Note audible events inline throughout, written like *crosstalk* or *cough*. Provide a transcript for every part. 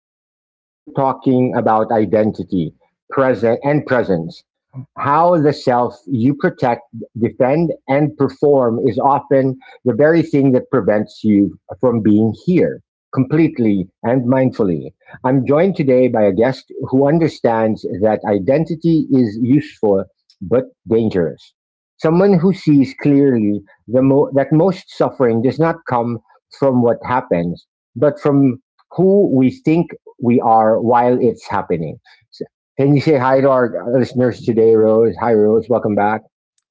Zen. Today we're talking about identity, present and presence. How the self you protect, defend, and perform is often the very thing that prevents you from being here completely and mindfully. I'm joined today by a guest who understands that identity is useful but dangerous. Someone who sees clearly that most suffering does not come from what happens, but from who we think we are while it's happening. So, can you say hi to our listeners today, Rose? Hi, Rose. Welcome back.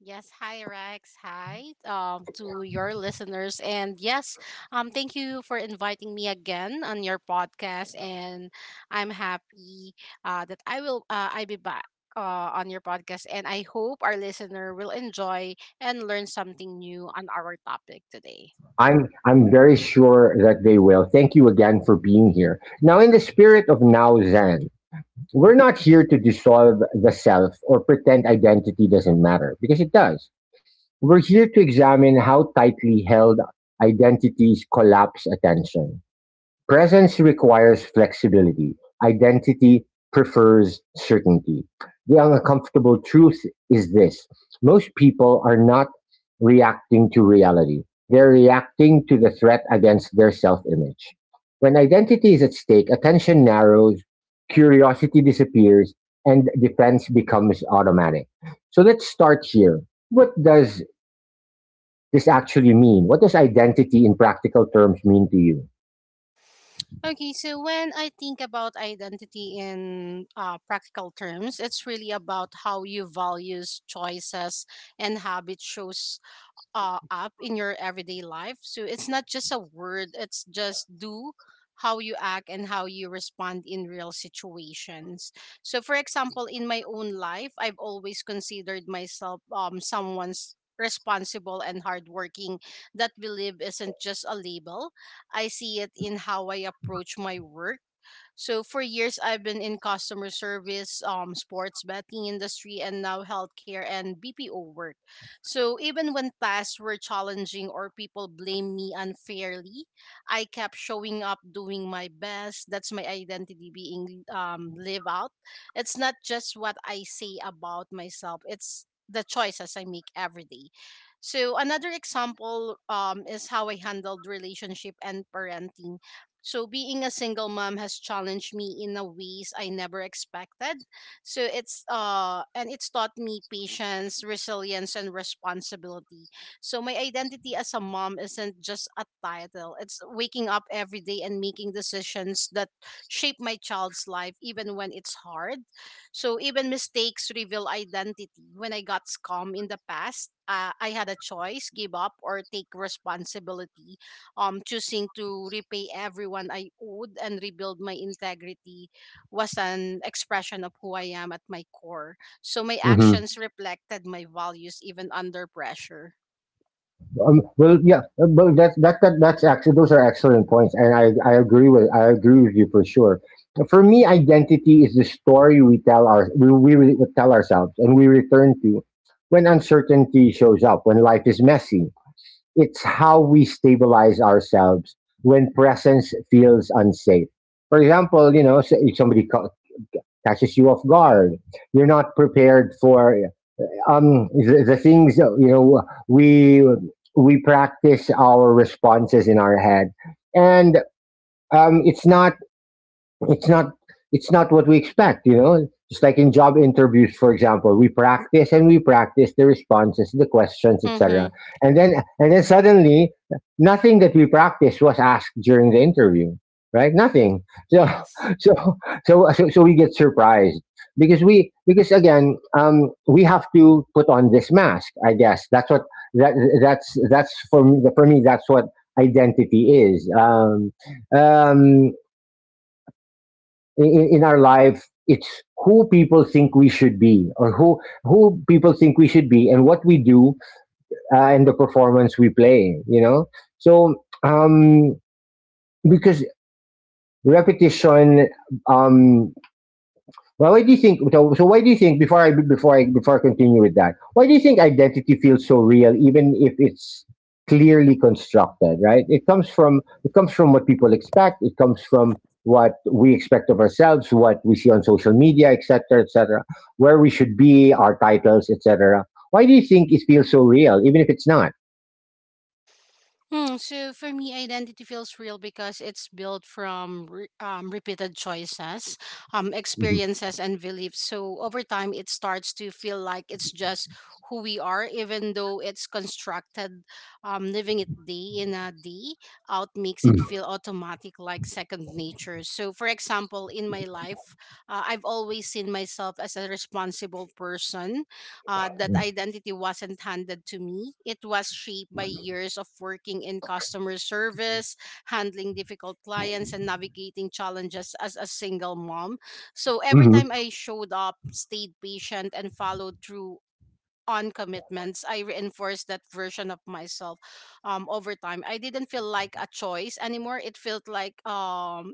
Yes, hi Rex. Hi to your listeners. And yes, thank you for inviting me again on your podcast. And I'm happy that I be back on your podcast. And I hope our listener will enjoy and learn something new on our topic today. I'm very sure that they will. Thank you again for being here. Now, in the spirit of Now Zen, we're not here to dissolve the self or pretend identity doesn't matter because it does. We're here to examine how tightly held identities collapse attention. Presence requires flexibility; identity prefers certainty. The uncomfortable truth is this: most people are not reacting to reality, they're reacting to the threat against their self image. When identity is at stake, attention narrows, curiosity disappears, and defense becomes automatic. So let's start here. What does this actually mean? What does identity in practical terms mean to you? Okay, so when I think about identity in practical terms, it's really about how your values, choices, and habits shows up in your everyday life. So it's not just a word, it's just do how you act and how you respond in real situations. So for example, in my own life, I've always considered myself someone's responsible and hardworking, that belief isn't just a label. I see it in how I approach my work. So for years I've been in customer service, sports betting industry, and now healthcare and BPO work. So even when tasks were challenging or people blamed me unfairly, I kept showing up doing my best. That's my identity being live out. It's not just what I say about myself, it's the choices I make every day. So another example is how I handled relationship and parenting. So being a single mom has challenged me in a ways I never expected, so it's taught me patience, resilience, and responsibility. So my identity as a mom isn't just a title. It's waking up every day and making decisions that shape my child's life even when it's hard. So even mistakes reveal identity. When I got scum in the past, I had a choice, give up or take responsibility. Choosing to repay everyone I owed and rebuild my integrity was an expression of who I am at my core. So my Mm-hmm. actions reflected my values even under pressure. Well, yeah, but that's that, that that's actually, those are excellent points, and I agree with you for sure. For me, identity is the story we tell our we re- tell ourselves and we return to when uncertainty shows up, when life is messy. It's how we stabilize ourselves when presence feels unsafe. For example, you know, if catches you off guard, you're not prepared for the things that, you know, we we practice our responses in our head, and um it's not it's not it's not what we expect. You know, just like in job interviews, for example, we practice and we practice the responses, the questions, Mm-hmm. etc., and then suddenly nothing that we practiced was asked during the interview, right? Nothing. So Yes. *laughs* so so we get surprised because we because again we have to put on this mask, I guess. That's what that that's, for me that's what identity is, um, in our life. It's who people think we should be, or who people think we should be and what we do, and the performance we play, you know. So um because repetition um well, why do you think before I continue with that, why do you think identity feels so real even if it's clearly constructed? Right? It comes from what people expect, it comes from what we expect of ourselves, what we see on social media, etc., etc., where we should be, our titles, etc. Why do you think it feels so real, even if it's not? Hmm, so for me, identity feels real because it's built from repeated choices, Hmm. experiences, and beliefs. So over time, it starts to feel like it's just who we are, even though it's constructed. Living it day in a day out makes it feel automatic, like second nature. So, for example, in my life, I've always seen myself as a responsible person. That identity wasn't handed to me. It was shaped by years of working in customer service, handling difficult clients, and navigating challenges as a single mom. So every Hmm. time I showed up, stayed patient, and followed through on commitments, I reinforced that version of myself over time. I didn't feel like a choice anymore. It felt like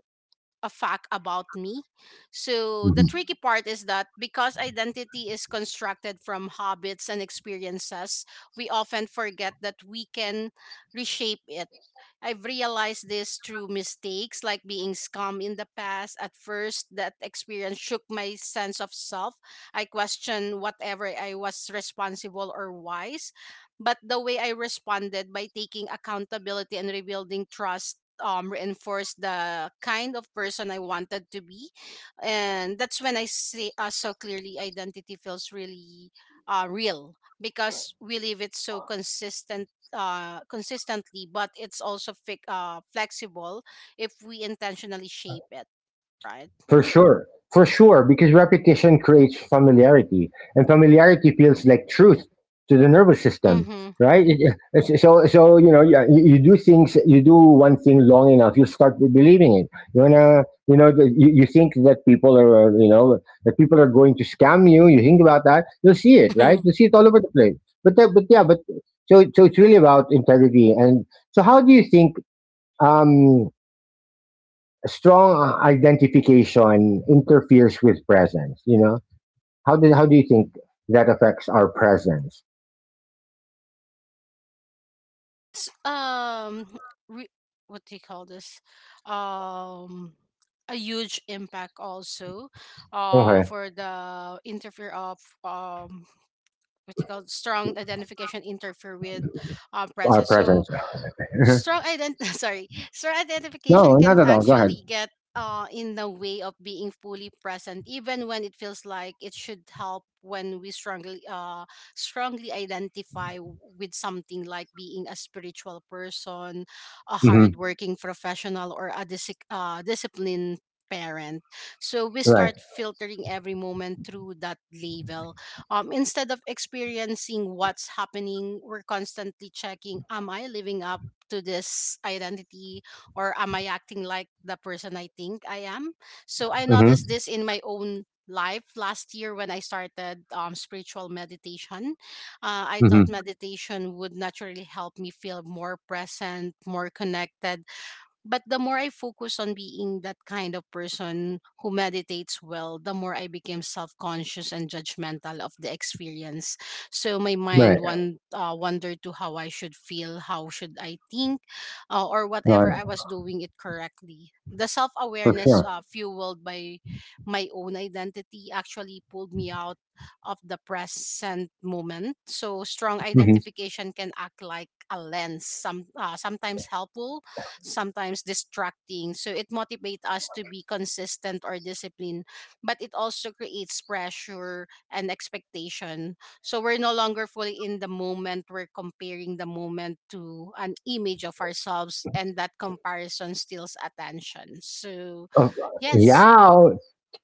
a fact about me. So the tricky part is that because identity is constructed from habits and experiences, we often forget that we can reshape it. I've realized this through mistakes like being scum in the past. At first, that experience shook my sense of self. I questioned whatever I was responsible or wise. But the way I responded by taking accountability and rebuilding trust reinforced the kind of person I wanted to be. And that's when I say so clearly identity feels real because we live it so consistently, but it's also flexible if we intentionally shape it, right? For sure. For sure, because repetition creates familiarity, and familiarity feels like truth to the nervous system, Mm-hmm. right? So, so, you know, yeah, you do things, you do one thing long enough, you start believing it. You wanna, you know, you, you think that people are, you know, that people are going to scam you. You think about that, you'll see it, right? Mm-hmm. You'll see it all over the place. But, but yeah, but so, so it's really about integrity. And so, how do you think? Um, Strong identification interferes with presence, you know. How do you think that affects our presence? It's re- what do you call this? Um, a huge impact also, Okay. For the interfere of what do you call it? Strong identification interfere with Our princess. So presence. *laughs* No, strong ident *laughs* sorry, strong identification not can at all, go ahead. actually get in the way of being fully present even when it feels like it should help. When we strongly identify with something like being a spiritual person, a Hmm. hardworking professional, or a disciplined parent, so we Right. start filtering every moment through that label, instead of experiencing what's happening. We're constantly checking, am I living up to this identity, or am I acting like the person I think I am? So I noticed Hmm. this in my own life last year when I started spiritual meditation. I Hmm. thought meditation would naturally help me feel more present, more connected, but the more I focus on being that kind of person who meditates well, the more I became self-conscious and judgmental of the experience. So my mind Right. wan- uh, wondered to how I should feel, how should I think, or whatever Right, I was doing it correctly. The for self-awareness sure. Fueled by my own identity actually pulled me out of the present moment. So strong Hmm. identification can act like a lens, sometimes helpful, sometimes distracting. So it motivates us to be consistent or disciplined, but it also creates pressure and expectation. So we're no longer fully in the moment. We're comparing the moment to an image of ourselves, and that comparison steals attention. So, Oh, yes. yeah.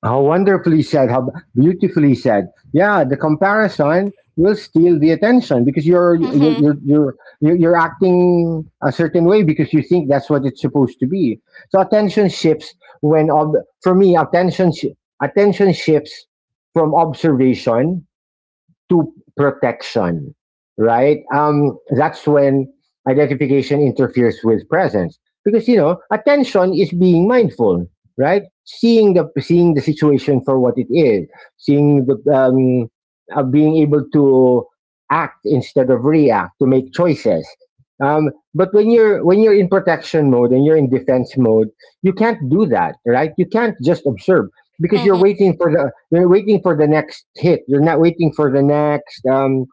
How wonderfully said, how beautifully said. Yeah, the comparison will steal the attention because you're you're Mm-hmm. you're you're you're you're acting a certain way because you think that's what it's supposed to be. So attention shifts when ob- for me attention sh- attention shifts from observation to protection, right? That's when identification interferes with presence because, you know, attention is being mindful, right? Seeing the situation for what it is, seeing the being able to act instead of react, to make choices. Um, but when you're in protection mode and you're in defense mode, you can't do that, right? You can't just observe because you're Mm-hmm. waiting for the next hit. You're not waiting for um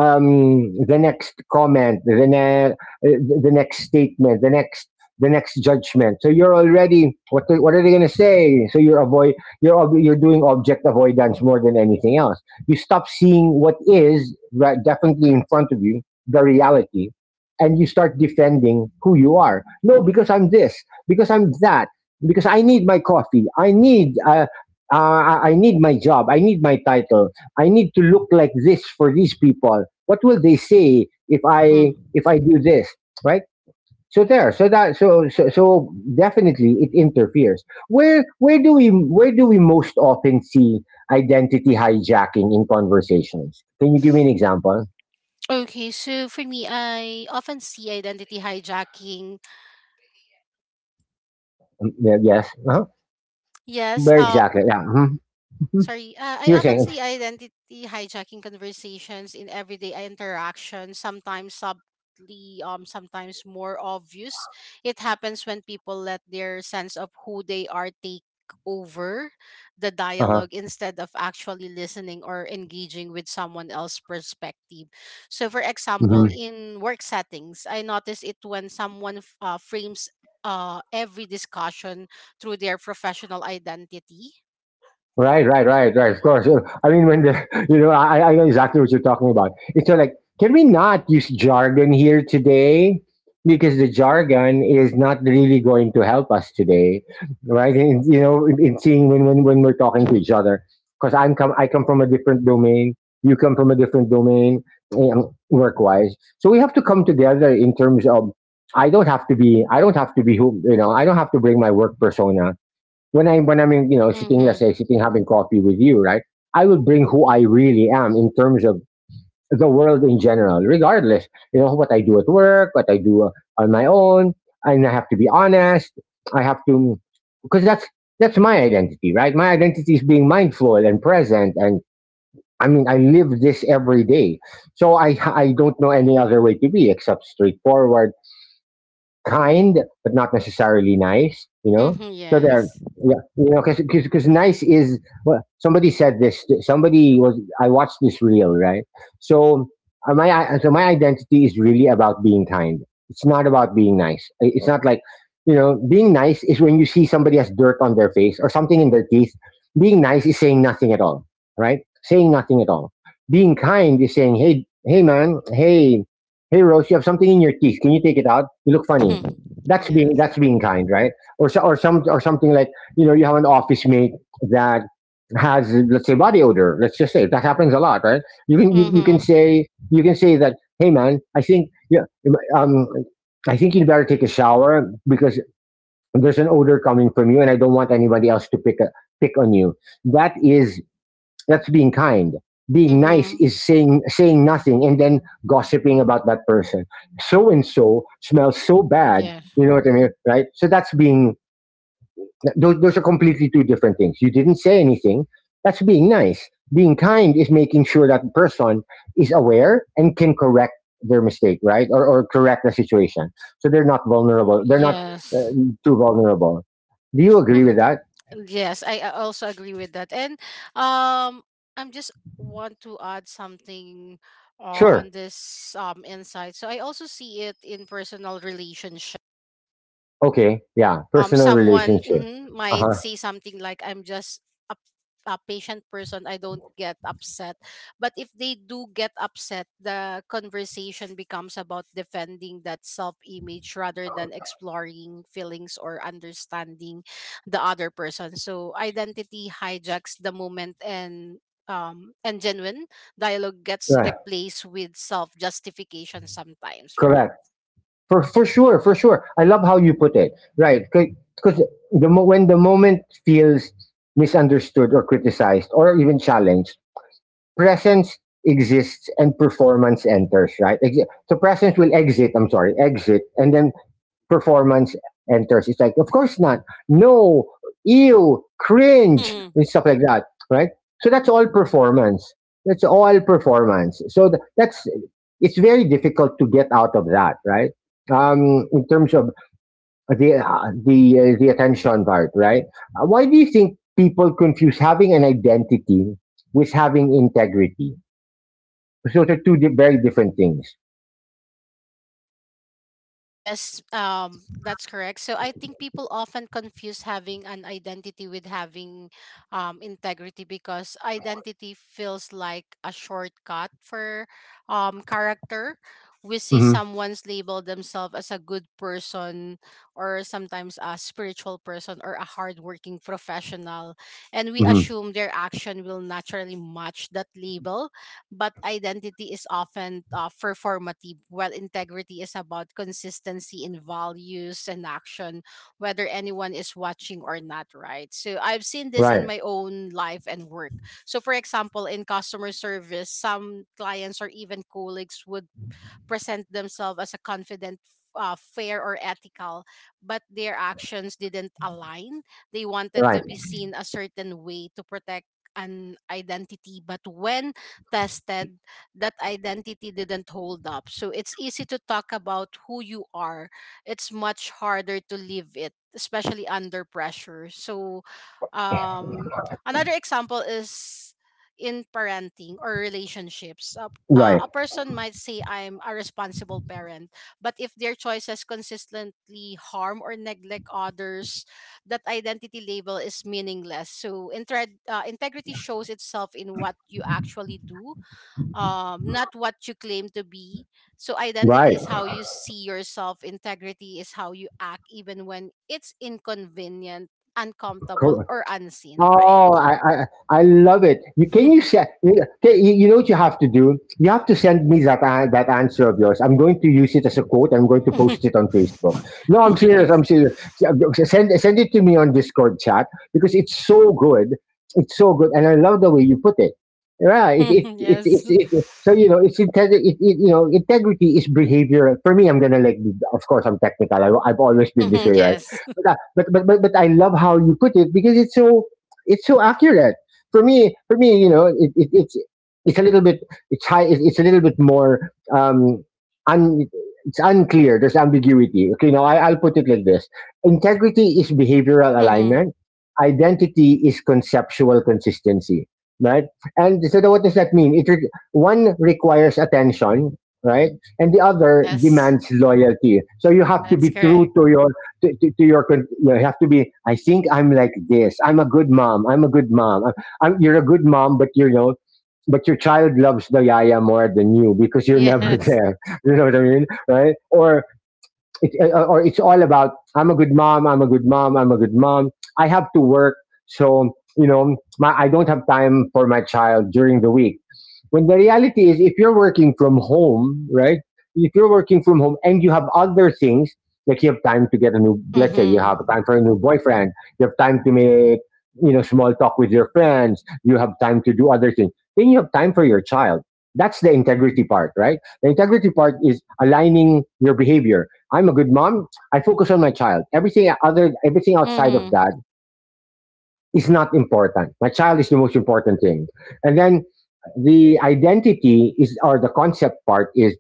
um, the next comment, the next statement, the next judgment. So you're already, what, what are they going to say? So you're doing object avoidance more than anything else. You stop seeing what is right, definitely in front of you, the reality, and you start defending who you are. No, because I'm this, because I'm that, because I need my coffee, I need my job, I need my title. I need to look like this for these people. What will they say if Mm-hmm. I do this, right? So there, so that so so, So definitely it interferes. Where do we most often see identity hijacking in conversations? Can you give me an example? Okay, so for me, I often see identity hijacking. Mm, yeah. Yes. Uh-huh. Yes, Where exactly? Yeah. Mhm, mhm. sorry, I You're often saying. see identity hijacking conversations in everyday interactions, sometimes subtly, sometimes more obvious. It happens when people let their sense of who they are take over the Uh dialogue instead of actually listening or engaging with someone else's perspective. So, for example, huh. in work settings, I notice it when someone frames every discussion through their professional identity. Right, right, right, right. Of course. I mean, when the *laughs* you know, I know exactly what you're talking about. It's so like, can we not use jargon here today? Because the jargon is not really going to help us today, right? And, you know, in seeing when, when we're talking to Mhm. each other, because I come from a different domain. You come from a different domain, work wise. So we have to come together in terms of. I don't have to be. I don't have to be who, you know. I don't have to bring my work persona when I'm in, you know, sitting, let's Mhm. say sitting having coffee with you, right? I will bring who I really am in terms of the world in general, regardless, you know, what I do at work, what I do on my own, and I have to be honest. I have to, because that's my identity, right? My identity is being mindful and present and. I mean, I live this every day, so I don't know any other way to be except straightforward, kind, but not necessarily nice. You know, Mhm. so they're, Yes. yeah, you know, because nice is, well, somebody said this. Somebody was I watched this reel, right. So, so my identity is really about being kind. It's not about being nice. It's not like, you know, being nice is when you see somebody has dirt on their face or something in their teeth. Being nice is saying nothing at all, right? Saying nothing at all. Being kind is saying, hey, "Hey Rose, you have something in your teeth. Can you take it out? You look funny." Mhm. Yes. That's being kind, right? Or so, or some, or something like, you know, you have an office mate that has, let's say, body odor. Let's just say that happens a lot, right? You can you, you can Mhm. say, that, "Hey man, I think, yeah, um, I think you'd better take a shower because there's an odor coming from you, and I don't want anybody else to pick on you." That is, that's being kind. Being nice Mhm. is saying nothing and then gossiping about that person. So and so smells so bad. Yes. You know what I mean, right? So that's being, those are completely two different things. You didn't say anything. That's being nice. Being kind is making sure that person is aware and can correct their mistake, right? Or correct the situation. So they're not vulnerable. They're not uh, Yes. too vulnerable. Do you agree Hmm. with that? Yes, I also agree with that. And um, I'm just want to add something Sure. on this insight. So I also see it in personal relationships. Okay. Yeah. Personal Someone relationship. Uh might huh. say something like, I'm just a, a patient person, I don't get upset, but if they do get upset, the conversation becomes about defending that self-image rather than exploring feelings or understanding the other person. So identity hijacks the moment, and genuine dialogue gets Yeah. replaced with self justification sometimes, right? Correct. For sure, for sure. I love how you put it. Right, because when the moment feels misunderstood or criticized or even challenged, presence exists and performance enters. Right. So presence will exit. I'm sorry, exit, and then performance enters. It's like, of course not. No, ew, cringe, *laughs* and stuff like that, right? So that's all performance. That's all performance. So that's, it's very difficult to get out of that, right? In terms of the the attention part, right? Why do you think people confuse having an identity with having integrity? So they're very different things. Yes, that's correct. So I think people often confuse having an identity with having integrity because identity feels like a shortcut for character. We see Hmm. someone's label themselves as a good person or sometimes a spiritual person or a hardworking professional, and we Hmm. assume their action will naturally match that label, but identity is often performative, while integrity is about consistency in values and action, whether anyone is watching or not, right? So I've seen this in Right, my own life and work. So, for example, in customer service, some clients or even colleagues would present themselves as a confident, fair, or ethical, but their actions didn't align. They wanted right, to be seen a certain way to protect an identity, but when tested, that identity didn't hold up. So it's easy to talk about who you are, it's much harder to live it, especially under pressure. So, um, another example is in parenting or relationships. Right, A person might say, I'm a responsible parent, but if their choices consistently harm or neglect others, that identity label is meaningless. So, integrity shows itself in what you actually do, not what you claim to be. So, identity right. is how you see yourself, integrity is how you act, even when it's inconvenient, uncomfortable, or unseen, right? Oh, I love it. You can you send? Okay, you know what you have to do. You have to send me that answer of yours. I'm going to use it as a quote. I'm going to post it on *laughs* Facebook. No, I'm serious. Yes. I'm serious. Send it to me on Discord chat because it's so good. It's so good, and I love the way you put it. Yeah, it, *laughs* it, it, it's Yes. it, it- so you know it's integrity. You know integrity is behavior. For me, I'm gonna like. Of course, I'm technical. I've always been this way, Mhm, right? yes. But, but I love how you put it because it's so, it's so accurate for me. For me, you know, it's a little bit, it's high. It's a little bit more um un, it's unclear. There's ambiguity. Okay, now I'll put it like this: integrity is behavioral Hmm. alignment. Identity is conceptual consistency, right? And so, what does that mean? One requires attention, right, and the other Yes. demands loyalty. So you have to That's be correct. true to your, to your, you have to be, I think I'm like this, I'm a good mom I'm a good mom I'm, You're a good mom, but you're, you know, but your child loves the yaya more than you because you're never Yes. there *laughs* you know what I mean, right? Or or it's all about I'm a good mom, I'm a good mom, I'm a good mom. I have to work, so you know my, I don't have time for my child during the week. When the reality is, if you're working from home, right? If you're working from home and you have other things, like you have time to get a new, let's say you Hmm. have time for a new boyfriend, you have time to make, you know, small talk with your friends, you have time to do other things. Then you have time for your child. That's the integrity part, right? The integrity part is aligning your behavior. I'm a good mom. I focus on my child. Everything other, everything outside of Hmm. that is not important. My child is the most important thing. And then the identity is, or the concept part is,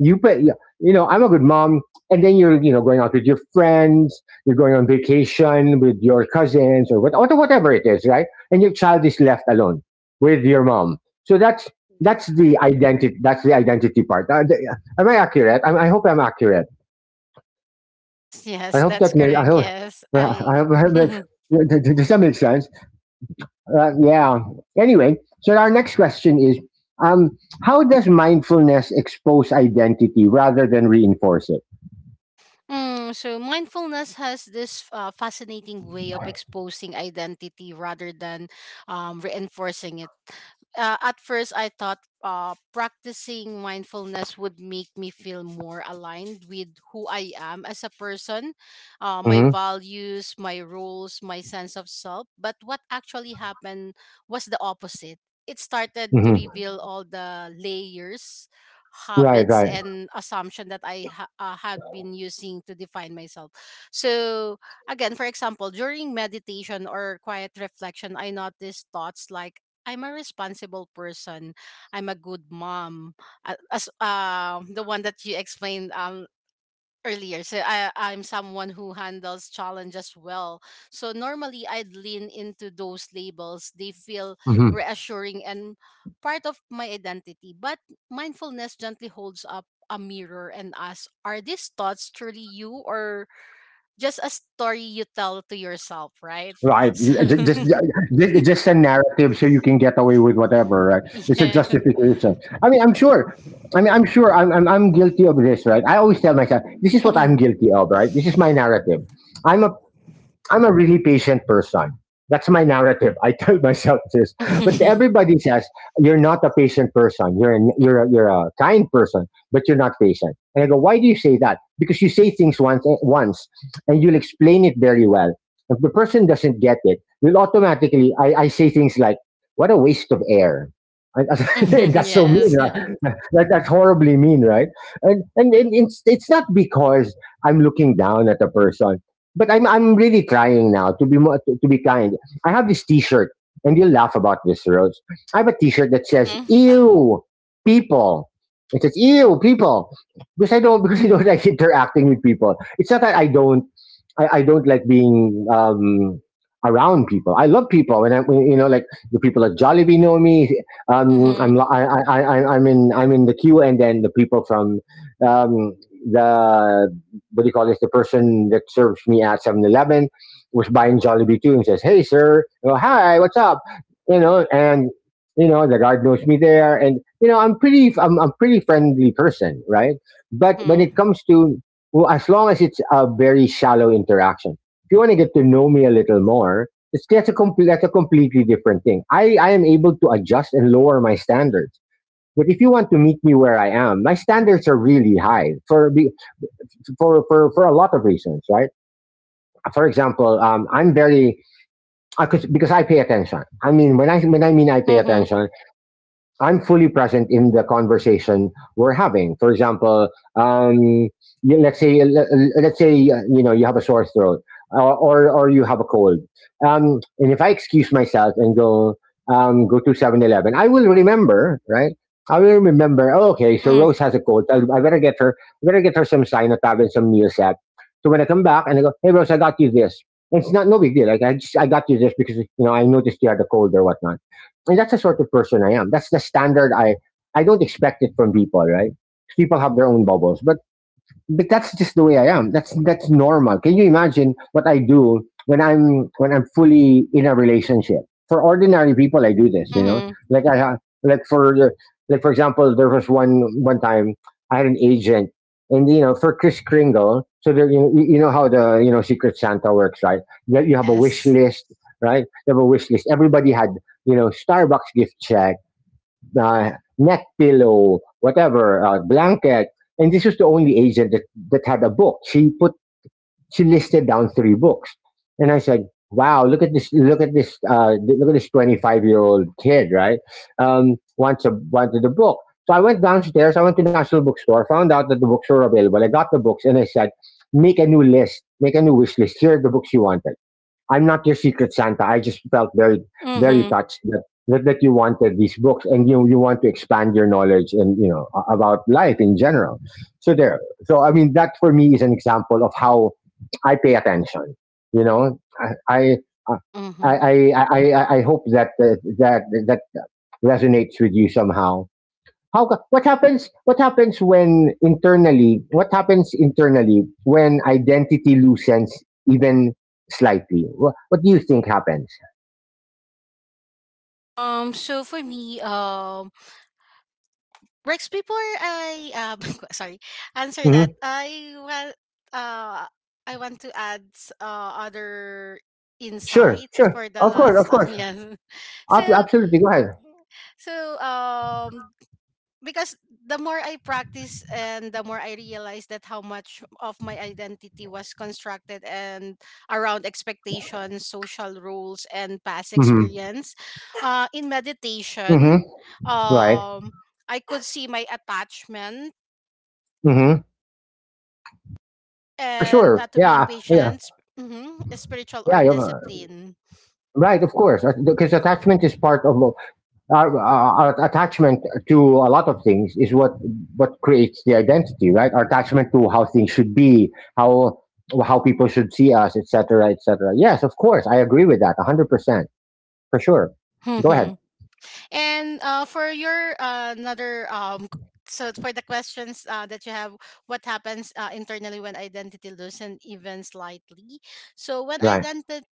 you, pay, you know, I'm a good mom. And then you're, you know, going out with your friends, you're going on vacation with your cousins or what, or whatever it is, right? And your child is left alone with your mom. So That's that's the correct. identity. That's the identity part. Am I accurate? I hope I'm accurate. I Yes, hope that's that makes. I correct. hope. Yes. uh, I I hope, I hope makes. *laughs* Does that make sense? Yeah. Anyway, so our next question is: um, how does mindfulness expose identity rather than reinforce it? Mm, so mindfulness has this fascinating way of exposing identity rather than reinforcing it. At first, I thought practicing mindfulness would make me feel more aligned with who I am as a person, my hmm values, my rules, my sense of self. But what actually happened was the opposite. It started to hmm reveal all the layers, Right. habits, Right. and assumption that I had been using to define myself. So, again, for example, during meditation or quiet reflection, I noticed thoughts like, I'm a responsible person. I'm a good mom. As the one that you explained earlier, so I, I'm someone who handles challenges well, so normally I'd lean into those labels, they feel hmm reassuring and part of my identity, but mindfulness gently holds up a mirror and asks, are these thoughts truly you or just a story you tell to yourself, right? *laughs* Right. So Yeah, just, *laughs* yeah, just a narrative so you can get away with whatever, right? It's a yeah. justification. I mean, I'm sure. I mean, I'm sure I'm guilty of this, right? I always tell myself, this is what I'm Mhm. guilty of, right? This is my narrative. I'm a I'm a really patient person. That's my narrative. I *laughs* tell myself this, but *laughs* everybody says you're not a patient person. You're a kind person, but you're not patient. And I go, why do you say that? Because you say things once, once, and you'll explain it very well. If the person doesn't get it, you'll automatically. I say things like, "What a waste of air." And *laughs* Mhm. that's so mean, Yes. right? *laughs* Like that's horribly mean, right? And, and it's not because I'm looking down at a person, but I'm really trying now to be more, to be kind. I have this T-shirt, and you'll laugh about this, Rhodes. I have a T-shirt that says Mm-hmm. "Ew, people." It says "Ew, people," because I don't *laughs* because I don't like interacting with people. It's not that I don't like being around people. I love people, and I, you know, like the people at Jollibee know me. I'm Mm-hmm. li- I, I'm in, I'm in the queue, and then the people from um, the what do you call this? The person that serves me at 7-Eleven was buying Jollibee too, and says, "Hey, sir, oh, hi, what's up?" You know, and you know the guard knows me there, and you know I'm pretty friendly person, right? But when it Mm-hmm. comes to, well, as long as it's a very shallow interaction, if you want to get to know me a little more, it's that's a complete that's a completely different thing. I am able to adjust and lower my standards. But if you want to meet me where I am, my standards are really high for a lot of reasons, right? For example, I'm very, because I pay attention. I mean, when I mean I pay attention, I'm fully present in the conversation we're having. For example, um, let's say, let's say, you know you have a sore throat or, or you have a cold, and if I excuse myself and go, go to 7-Eleven, I will remember, right? I will remember. Oh, okay, so Mm-hmm. Rose has a cold. I better get her. I better get her some Sinotab and some Neosep. So when I come back and I go, hey Rose, I got you this. It's not no big deal. Like I got you this because you know I noticed you had a cold or whatnot, and that's the sort of person I am. That's the standard I don't expect it from people, right? People have their own bubbles, but that's just the way I am. That's normal. Can you imagine what I do when I'm fully in a relationship? For ordinary people, I do this. You know, Mm-hmm. like I ha- like for the like for example, there was one time I had an agent, and you know, for Chris Kringle. So there, you know how the, you know Secret Santa works, right? You have a wish Yes. list, right? You have a wish list. Everybody had, you know, Starbucks gift, uh, neck pillow, whatever, blanket. And this was the only agent that, that had a book. She listed down three books, and I said, "Wow, look at this! Look at this! Look at this 25-year-old kid, right? Wants a wanted a book." So I went downstairs. I went to National Bookstore, found out that the books were available. I got the books, and I said, "Make a new list. Make a new wish list. Here are the books you wanted." I'm not your secret Santa. I just felt very, very Mm-hmm. touched that that you wanted these books and you want to expand your knowledge and you know about life in general. So there. So I mean, that for me is an example of how I pay attention. You know, I I Mm-hmm. I hope that that that resonates with you somehow. How ca- what happens when internally What happens internally when identity loosens even slightly, what do you think happens? So for me, Rex, before I *laughs* sorry, answer hmm that, uh, I want to add other sure, insight sure, for the of course, last of *laughs* course. yes. So, Absolutely, go ahead. so because the more I practice and the more I realize that how much of my identity was constructed and around expectations, social rules, and past hmm experience. In hmm meditation, right. um, I could see my attachment hmm for and sure, to being yeah, yeah. patient, mhm, spiritual or yeah you're- discipline. right, of course, because attachment is part of our attachment to a lot of things is what creates the identity, right? Our attachment to how things should be, how how people should see us, etc., etc. Yes, of course, I agree with that 100%, for sure. Go ahead. *laughs* And for your another so for the questions that you have, what happens internally when identity loosen even slightly? So when Ryan. identity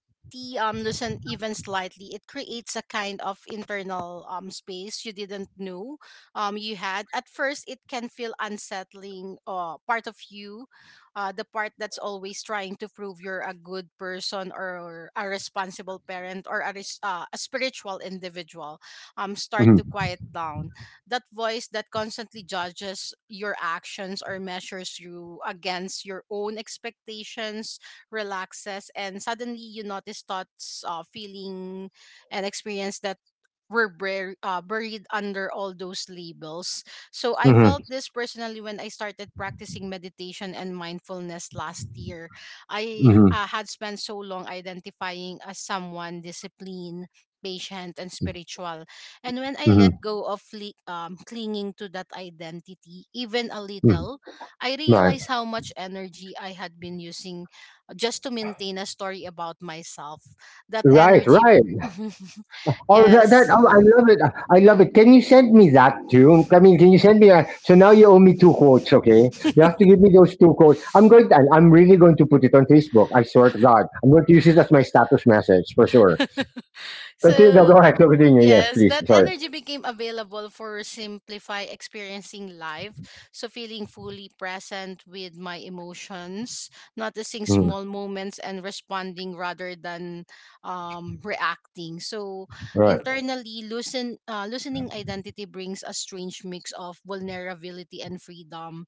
loosen even slightly, it creates a kind of internal space you didn't know you had. At first, it can feel unsettling. Part of you, the part that's always trying to prove you're a good person or a responsible parent or a, a spiritual individual start to Mm-hmm. quiet down. That voice that constantly judges your actions or measures you against your own expectations relaxes, and suddenly you notice thoughts, feeling, and experience that were buried under all those labels. So I Mm-hmm. felt this personally when I started practicing meditation and mindfulness last year. I Mm-hmm. Had spent so long identifying as someone disciplined, patient, and spiritual, and when I Mm-hmm. let Right. go of clinging to that identity, even a hmm hmm little, I hmm hmm realized how much energy I had been using just to maintain a story about myself. That right, energy. right. *laughs* Oh, that, that, yes. oh, I love it. I love it. Can you send me that too? I mean, can you send me that? So now you owe me two quotes, okay? You have to give me those two quotes. I'm going. To, I'm really going to put it on Facebook. I swear to God, I'm going to use it as my status message for sure. Continue. No, So, go ahead. Continue. Yes, yes, please. that Sorry. energy became available for simplify experiencing life. So, feeling fully present with my emotions, noticing Mm, small moments, and responding rather than reacting. So, right. internally, loosening identity brings a strange mix of vulnerability and freedom.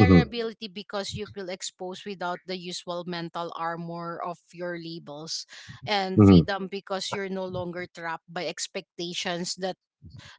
Mm-hmm. because you feel exposed without the usual mental armor of your labels, and Mm-hmm. freedom because you're no longer trapped by expectations that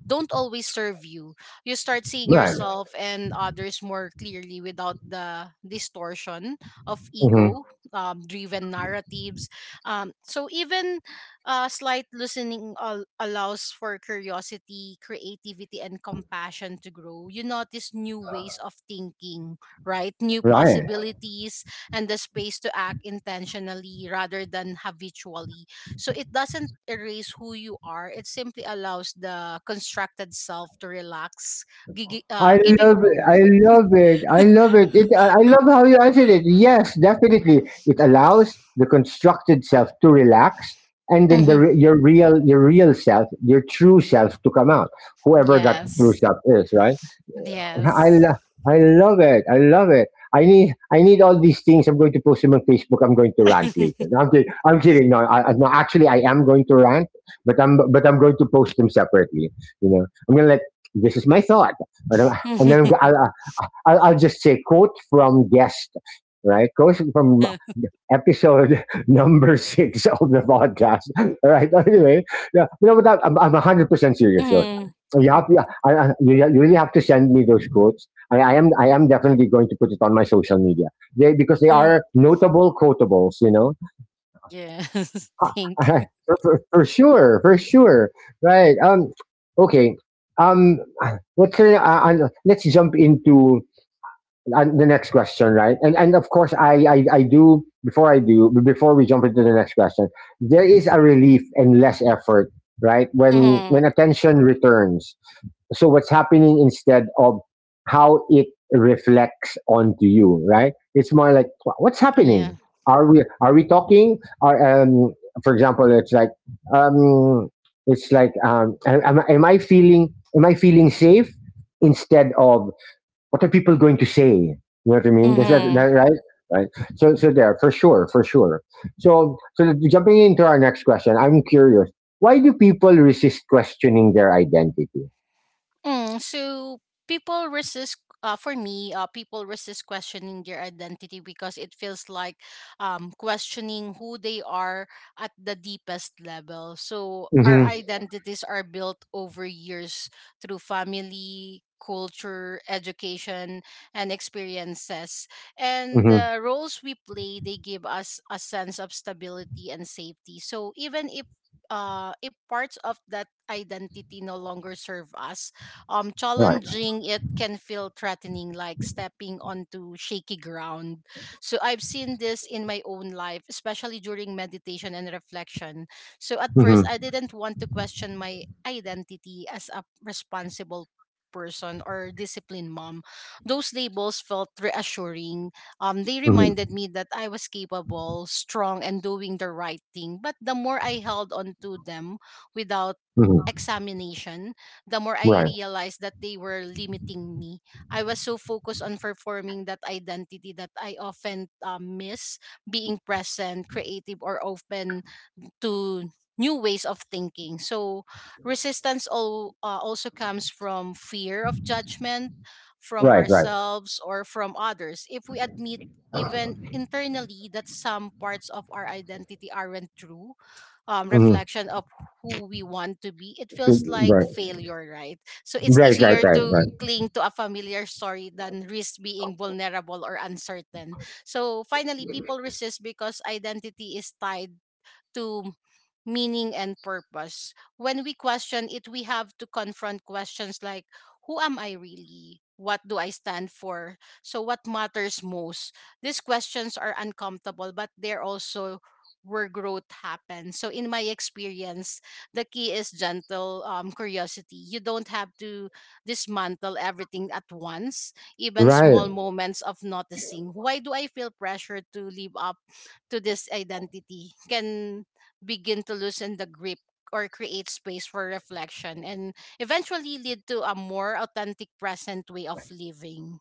don't always serve you. You start seeing Right. yourself and others more clearly without the distortion of Mm-hmm. ego driven narratives. So, even slight loosening allows for curiosity, creativity, and compassion to grow. You notice new ways of thinking, right? New Right. possibilities and the space to act intentionally rather than habitually, so it doesn't erase who you are. It simply allows the constructed self to relax, I giving love it. room. I love it. I love it. I love how you answered it. Yes, definitely. It allows the constructed self to relax, and then Hmm your real, your real self, your true self, to come out. Whoever that true Yes. self is, right? I Yes. lo- I love it. I love it. I need all these things. I'm going to post them on Facebook. I'm going to rant later. *laughs* No, I'm kidding. I'm kidding. No, no, actually, I am going to rant, but I'm going to post them separately. I'm gonna let, this is my thought, but I'm, and then I'm, go- I'll just say quote from guest, right? Quote from episode *laughs* number 6 of the podcast. *laughs* All right. Anyway, yeah, but I'm 100% serious. So hmm so you have to, you, you really have to send me those quotes. I am definitely going to put it on my social media, because they hmm are notable quotables. You know, Yes. *laughs* *laughs* Thank you. For sure, for sure. Right. Okay. Um. What's Let's jump into and the next question, right? And of course, I do before we jump into the next question, there is a relief and less effort, right? When Hmm attention returns, so what's happening instead of how it reflects onto you, right? It's more like, what's happening? Yeah. Are we talking? Are For example, it's like, um am, am I feeling safe instead of what are people going to say?" You know what I mean? Is that, that Mm-hmm. right? Right. So there, for sure, for sure. So jumping into our next question, I'm curious. Why do people resist questioning their identity? So people resist. For me, people resist questioning their identity because it feels like questioning who they are at the deepest level. So our Mm-hmm. identities are built over years through family, culture, education, and experiences. And Mm-hmm. the roles we play, they give us a sense of stability and safety. So even if parts of that identity no longer serve us, Right. challenging, it can feel threatening, like stepping onto shaky ground. So I've seen this in my own life, especially during meditation and reflection. So at first, I Mm-hmm. didn't want to question my identity as a responsible person or disciplined mom. Those labels felt reassuring. They reminded Mm-hmm. me that I was capable, strong, and doing the right thing. But the more I held on to them without Mm-hmm. examination, the more I Right. realized that they were limiting me. I was so focused on performing that identity that I often miss being present, creative, or open to new ways of thinking. So resistance also comes from fear of judgment from Right. Right. ourselves or from others. If we admit even internally that some parts of our identity aren't true Mm-hmm. reflection of who we want to be, it feels like Right. failure, right? So it's Right. Right. easier Right. to Right. cling to a familiar story than risk being vulnerable or uncertain. So finally, people resist because identity is tied to meaning and purpose. When we question it, we have to confront questions like who am I really? What do I stand for? So, what matters most? These questions are uncomfortable, but they're also where growth happens. So, in my experience, the key is gentle curiosity. You don't have to dismantle everything at once, even Right. small moments of noticing. Why do I feel pressure to live up to this identity? Can begin to loosen the grip or create space for reflection and eventually lead to a more authentic present way of living,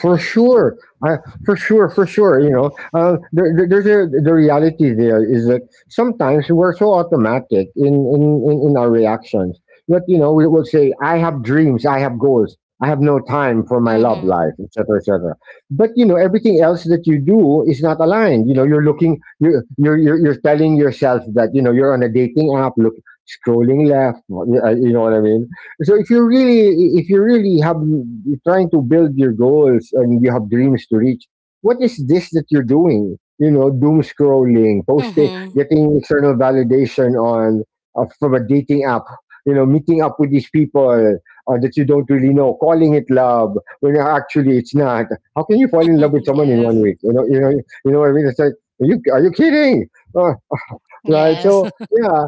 For sure, I, for sure, for sure. You know, there's a the reality there is that sometimes we're so automatic in in our reactions, that you know we will say, "I have dreams, I have goals, I have no time for my love Mm-hmm. life, etc., etc." But you know, everything else that you do is not aligned. You know, you're looking, you're telling yourself that you know you're on a dating app, look, scrolling left. You know what I mean? So if you really, if you really have you're trying to build your goals and you have dreams to reach, what is this that you're doing? You know, doom scrolling, posting, Mm-hmm. getting external validation on, from a dating app. You know, meeting up with these people, that you don't really know, calling it love when actually it's not. How can you fall in love with *laughs* someone in yes. 1 week? You know what I mean? It's like, are you kidding? Uh, right? Yes. So *laughs* yeah,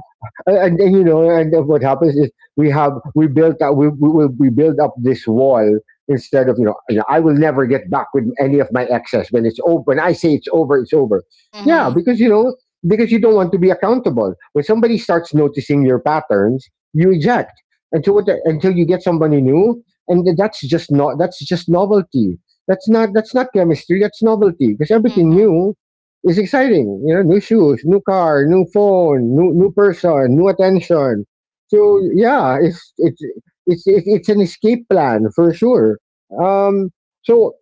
and, you know, and what happens is we have we built up we build up this wall instead of, you know I will never get back with any of my exes. When it's over, when I say it's over, it's over. Yeah, mm-hmm. because you know, because you don't want to be accountable. When somebody starts noticing your patterns, you eject until what, until you get somebody new, and that's just not, that's just novelty. That's not, that's not chemistry. That's novelty because everything Mm-hmm. new, it's exciting. You know, new shoes, new car, new phone, new person, new attention. So yeah, it's an escape plan for sure. Um, so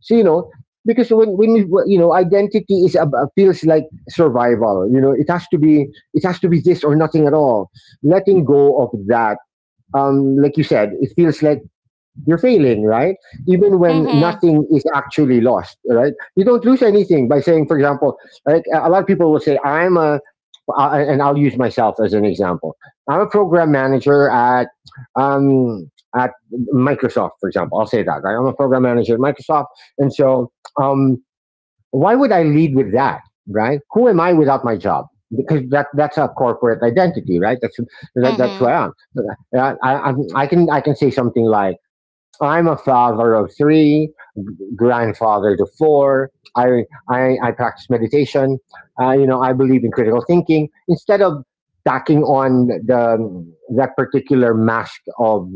you know, because when you, you know, identity is feels like survival. You know, it has to be, it has to be this or nothing at all. Letting go of that, um, like you said, it feels like you're failing, right? Even when Mm-hmm. nothing is actually lost, right? You don't lose anything by saying, for example, like a lot of people will say, I'm a, and I'll use myself as an example. I'm a program manager at, um, at Microsoft, for example. I'll say that, right? I'm a program manager at Microsoft. And so, um, why would I lead with that, right? Who am I without my job? Because that, that's a corporate identity, right? That's, that, that's who Mm-hmm. I am. Uh, I, I can say something like, I'm a father of three, grandfather to four. I practice meditation. You know, I believe in critical thinking, instead of tacking on the that particular mask of,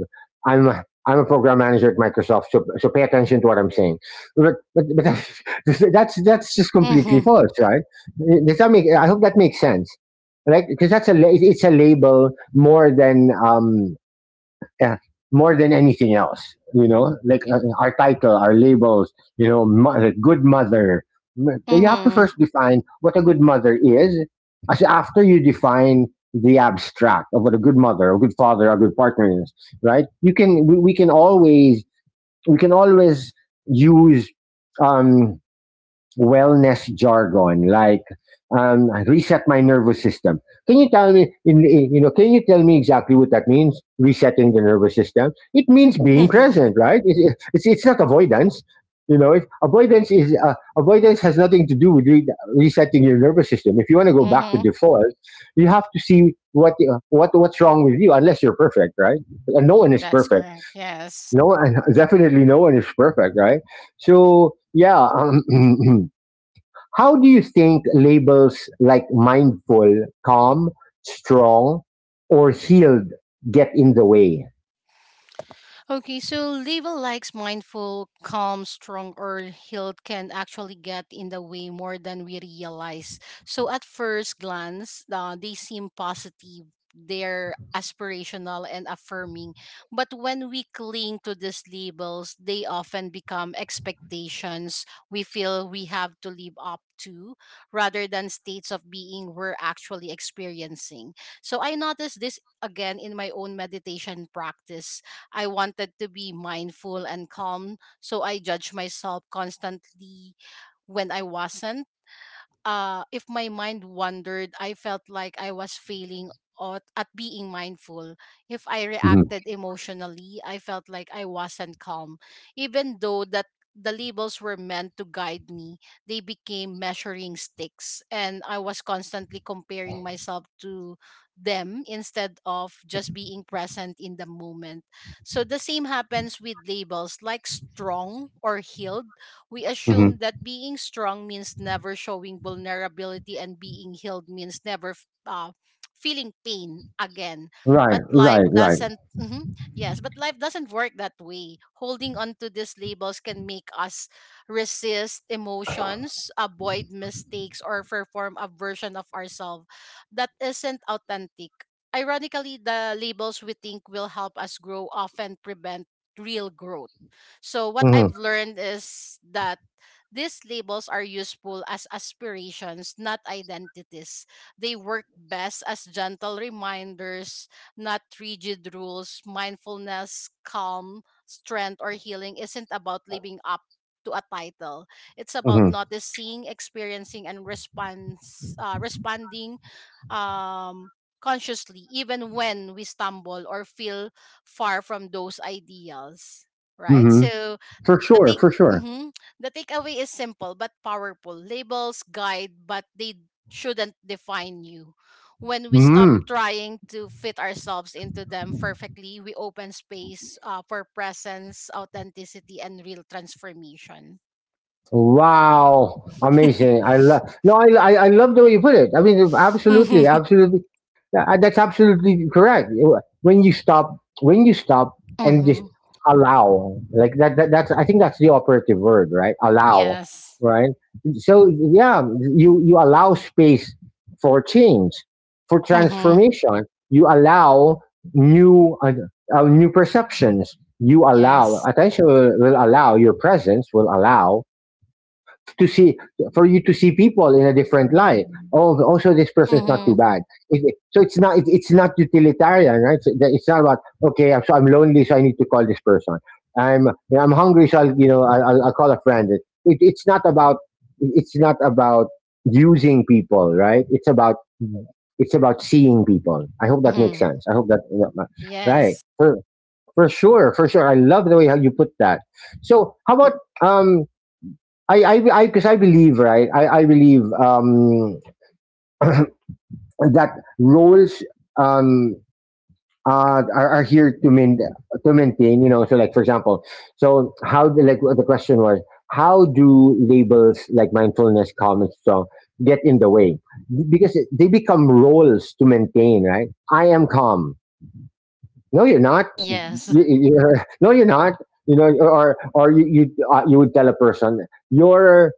I'm a program manager at Microsoft, so, so pay attention to what I'm saying. But that's *laughs* that's just completely Mm-hmm. false, right? Does that make, I hope that makes sense, right? Because that's a, it's a label more than, yeah, more than anything else, you know, like, our title, our labels, you know, mother, good mother. So you have to first define what a good mother is. As after you define the abstract of what a good mother, a good father, a good partner is, right? You can, we can always, we can always use, um, wellness jargon like, reset my nervous system. Can you tell me, you know, can you tell me exactly what that means? Resetting the nervous system. It means being Mm-hmm. present, *laughs* right? It's not avoidance. You know, avoidance is, avoidance has nothing to do with resetting your nervous system. If you want to go back to Mhm. default, you have to see what's wrong with you. Unless you're perfect, right? And no one is That's perfect. correct, yes. No one, *laughs* definitely no one is perfect, right? So yeah, *clears throat* how do you think labels like mindful, calm, strong, or healed get in the way? Okay, so label likes mindful, calm, strong, or healed can actually get in the way more than we realize. So at first glance, they seem positive. They're aspirational and affirming. But when we cling to these labels, they often become expectations we feel we have to live up to, rather than states of being we're actually experiencing. So I noticed this again in my own meditation practice. I wanted to be mindful and calm, so I judged myself constantly when I wasn't. If my mind wandered, I felt like I was failing at being mindful. If I Hmm. reacted emotionally, I felt like I wasn't calm. Even though that the labels were meant to guide me, they became measuring sticks, and I was constantly comparing myself to them instead of just being present in the moment. So the same happens with labels like strong or healed. We Hmm. assume that being strong means never showing vulnerability and being healed means never feeling pain again. Right, But life right, right. doesn't, *laughs* Mhm. Yes, but life doesn't work that way. Holding on to these labels can make us resist emotions, avoid mistakes, or perform a version of ourselves that isn't authentic. Ironically, the labels we think will help us grow often prevent real growth. So what Hmm. I've learned is that these labels are useful as aspirations, not identities. They work best as gentle reminders, not rigid rules. Mindfulness, calm, strength, or healing isn't about living up to a title. It's about Hmm. noticing, experiencing, and responding um, consciously, even when we stumble or feel far from those ideals, right? Hmm. So For the sure, take for sure. mhm, the takeaway is simple but powerful. Labels guide, but they shouldn't define you. When we stop Mhm. trying to fit ourselves into them perfectly, we open space for presence, authenticity, and real transformation. Wow, amazing! I love, no, I love the way you put it. I mean, absolutely, *laughs* absolutely. Yeah. That's absolutely correct. When you stop and just mm-hmm. allow, like that, that, that's I think that's the operative word, right? Allow, Yes. right? So yeah, you allow space for change, for Mm-hmm. transformation. You allow new, new perceptions. You allow Yes. attention will allow your presence will allow to see, for you to see people in a different light. Oh, also this person is not Mm-hmm. too bad. It's not, it, it's not utilitarian, right? So that, it's not about, okay, I'm lonely, so I need to call this person. I'm, you know, I'm hungry, so I'll, you know, I'll call a friend. It's not about, it's not about using people, right? It's about, it's about seeing people. I hope that makes Mm-hmm. sense. I hope that, right, Yes. *laughs* For sure, for sure. I love the way how you put that. So how about, um, I I I, because I believe, right. I believe, um, that roles, um, are here to main to maintain. You know, so like for example, so how the, like the question was, how do labels like mindfulness, calm, and strong get in the way, because they become roles to maintain. Right, I am calm. No, you're not. Mhm. Yes. you, you- *laughs* no, you're not. You know, or you you would tell a person, you're,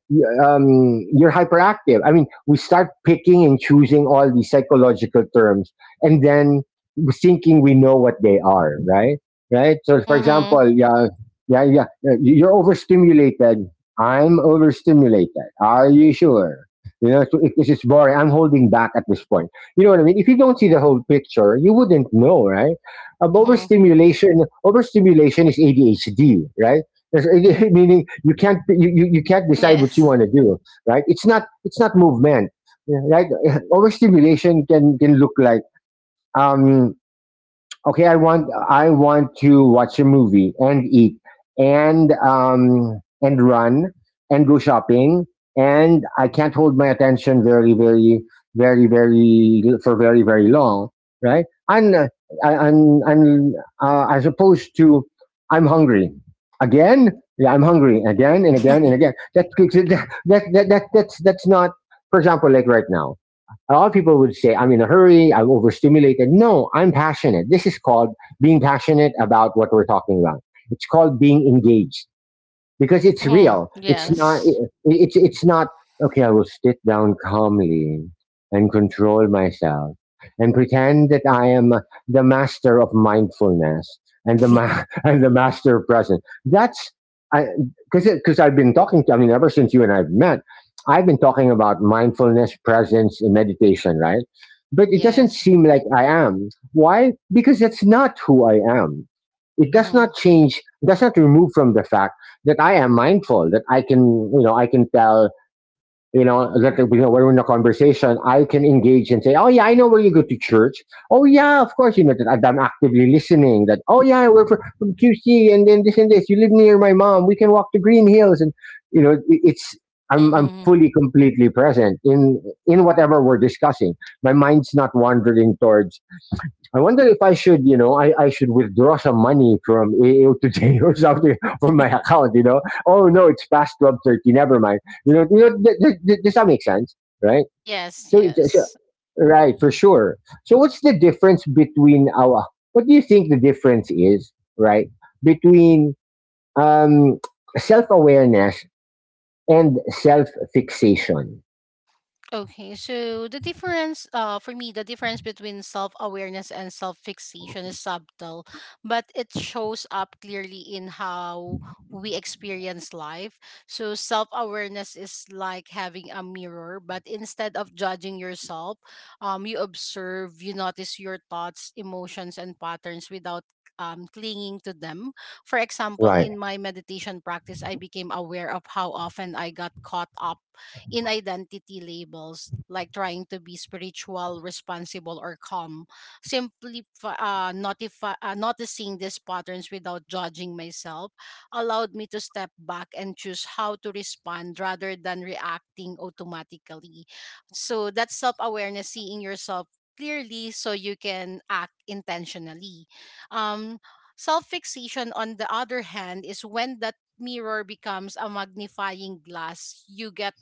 you're hyperactive. I mean, we start picking and choosing all these psychological terms, and then thinking we know what they are, right? Right. So, for Mm-hmm. example, yeah, yeah, yeah, you're overstimulated. I'm overstimulated. Are you sure? You know, so it's boring. I'm holding back at this point. You know what I mean? If you don't see the whole picture, you wouldn't know, right? um, Mm-hmm. overstimulation Overstimulation is ADHD, right? There's, *laughs* meaning you can't decide what you Yes. want to do, right? It's not, it's not movement, right? *laughs* Overstimulation can look like, um, okay, I want to watch a movie and eat, and run and go shopping, and I can't hold my attention very very very very for very very long, right? And I, I'm, as opposed to, I'm hungry again. Yeah, I'm hungry again and again and again. *laughs* That's not. For example, like right now, a lot of people would say, I'm in a hurry, I'm overstimulated. No, I'm passionate. This is called being passionate about what we're talking about. It's called being engaged because it's Mm-hmm. real. Mm-hmm. It's not. Yes. It's not. Okay, I will sit down calmly and control myself and pretend that I am the master of mindfulness and the *laughs* *laughs* and the master of present. That's, I because I've been talking to, I mean, ever since you and I've met, I've been talking about mindfulness, presence, and meditation, right? But it doesn't yes. seem like I am. Why? Because that's not who I am. It does Mm-hmm. not change. Does not remove from the fact that I am mindful, that I can, you know, I can tell, you know, that, you know, we're in a conversation, I can engage and say, oh yeah, I know where you go to church. Oh yeah, of course, you know, that I'm actively listening. That, oh yeah, we're from QC, and then this and this. You live near my mom. We can walk to Green Hills, and you know, it- it's. I'm Mm-hmm. fully completely present in whatever we're discussing. My mind's not wandering towards I wonder if I should, I should withdraw some money from AO today or something *laughs* from my account. Oh no, it's past 12:30. Never mind. Does that make sense? Right. *laughs* yes, So, it's, so, yes. right for sure. So, what's the difference between our? What do you think the difference is, right, between um, self awareness and self fixation? Okay, so the difference, for me, the difference between self awareness and self fixation is subtle, but it shows up clearly in how we experience life. So, self awareness is like having a mirror, but instead of judging yourself, you observe, you notice your thoughts, emotions, and patterns without clinging to them. For example, Right. in my meditation practice, I became aware of how often I got caught up in identity labels like trying to be spiritual, responsible, or calm. Simply noticing these patterns without judging myself allowed me to step back and choose how to respond rather than reacting automatically. So that's self awareness, seeing yourself clearly so you can act intentionally. Um, Self fixation, on the other hand, is when that mirror becomes a magnifying glass. You get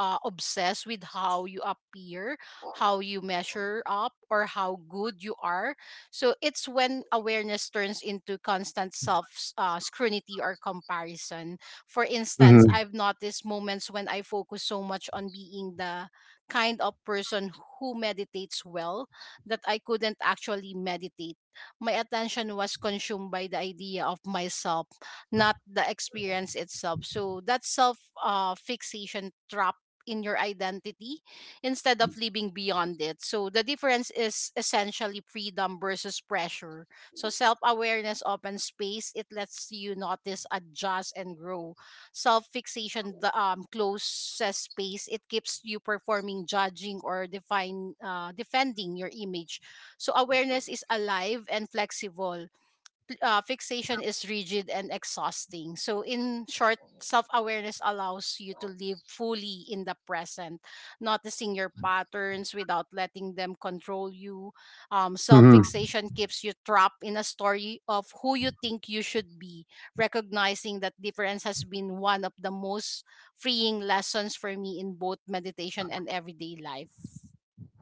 obsessed with how you appear, how you measure up, or how good you are. So it's when awareness turns into constant self scrutiny or comparison. For instance, Mm-hmm. I've noticed moments when I focus so much on being the kind of person who meditates well that I couldn't actually meditate. My attention was consumed by the idea of myself, not the experience itself. So that self fixation trap in your identity instead of living beyond it. So the difference is essentially freedom versus pressure. So self awareness opens space, it lets you notice, adjust, and grow. Self fixation the closes space, it keeps you performing, judging, or defending your image. So awareness is alive and flexible, fixation is rigid and exhausting. So, in short, self awareness allows you to live fully in the present, noticing your patterns without letting them control you. Self Mm-hmm. fixation keeps you trapped in a story of who you think you should be. Recognizing that difference has been one of the most freeing lessons for me in both meditation and everyday life.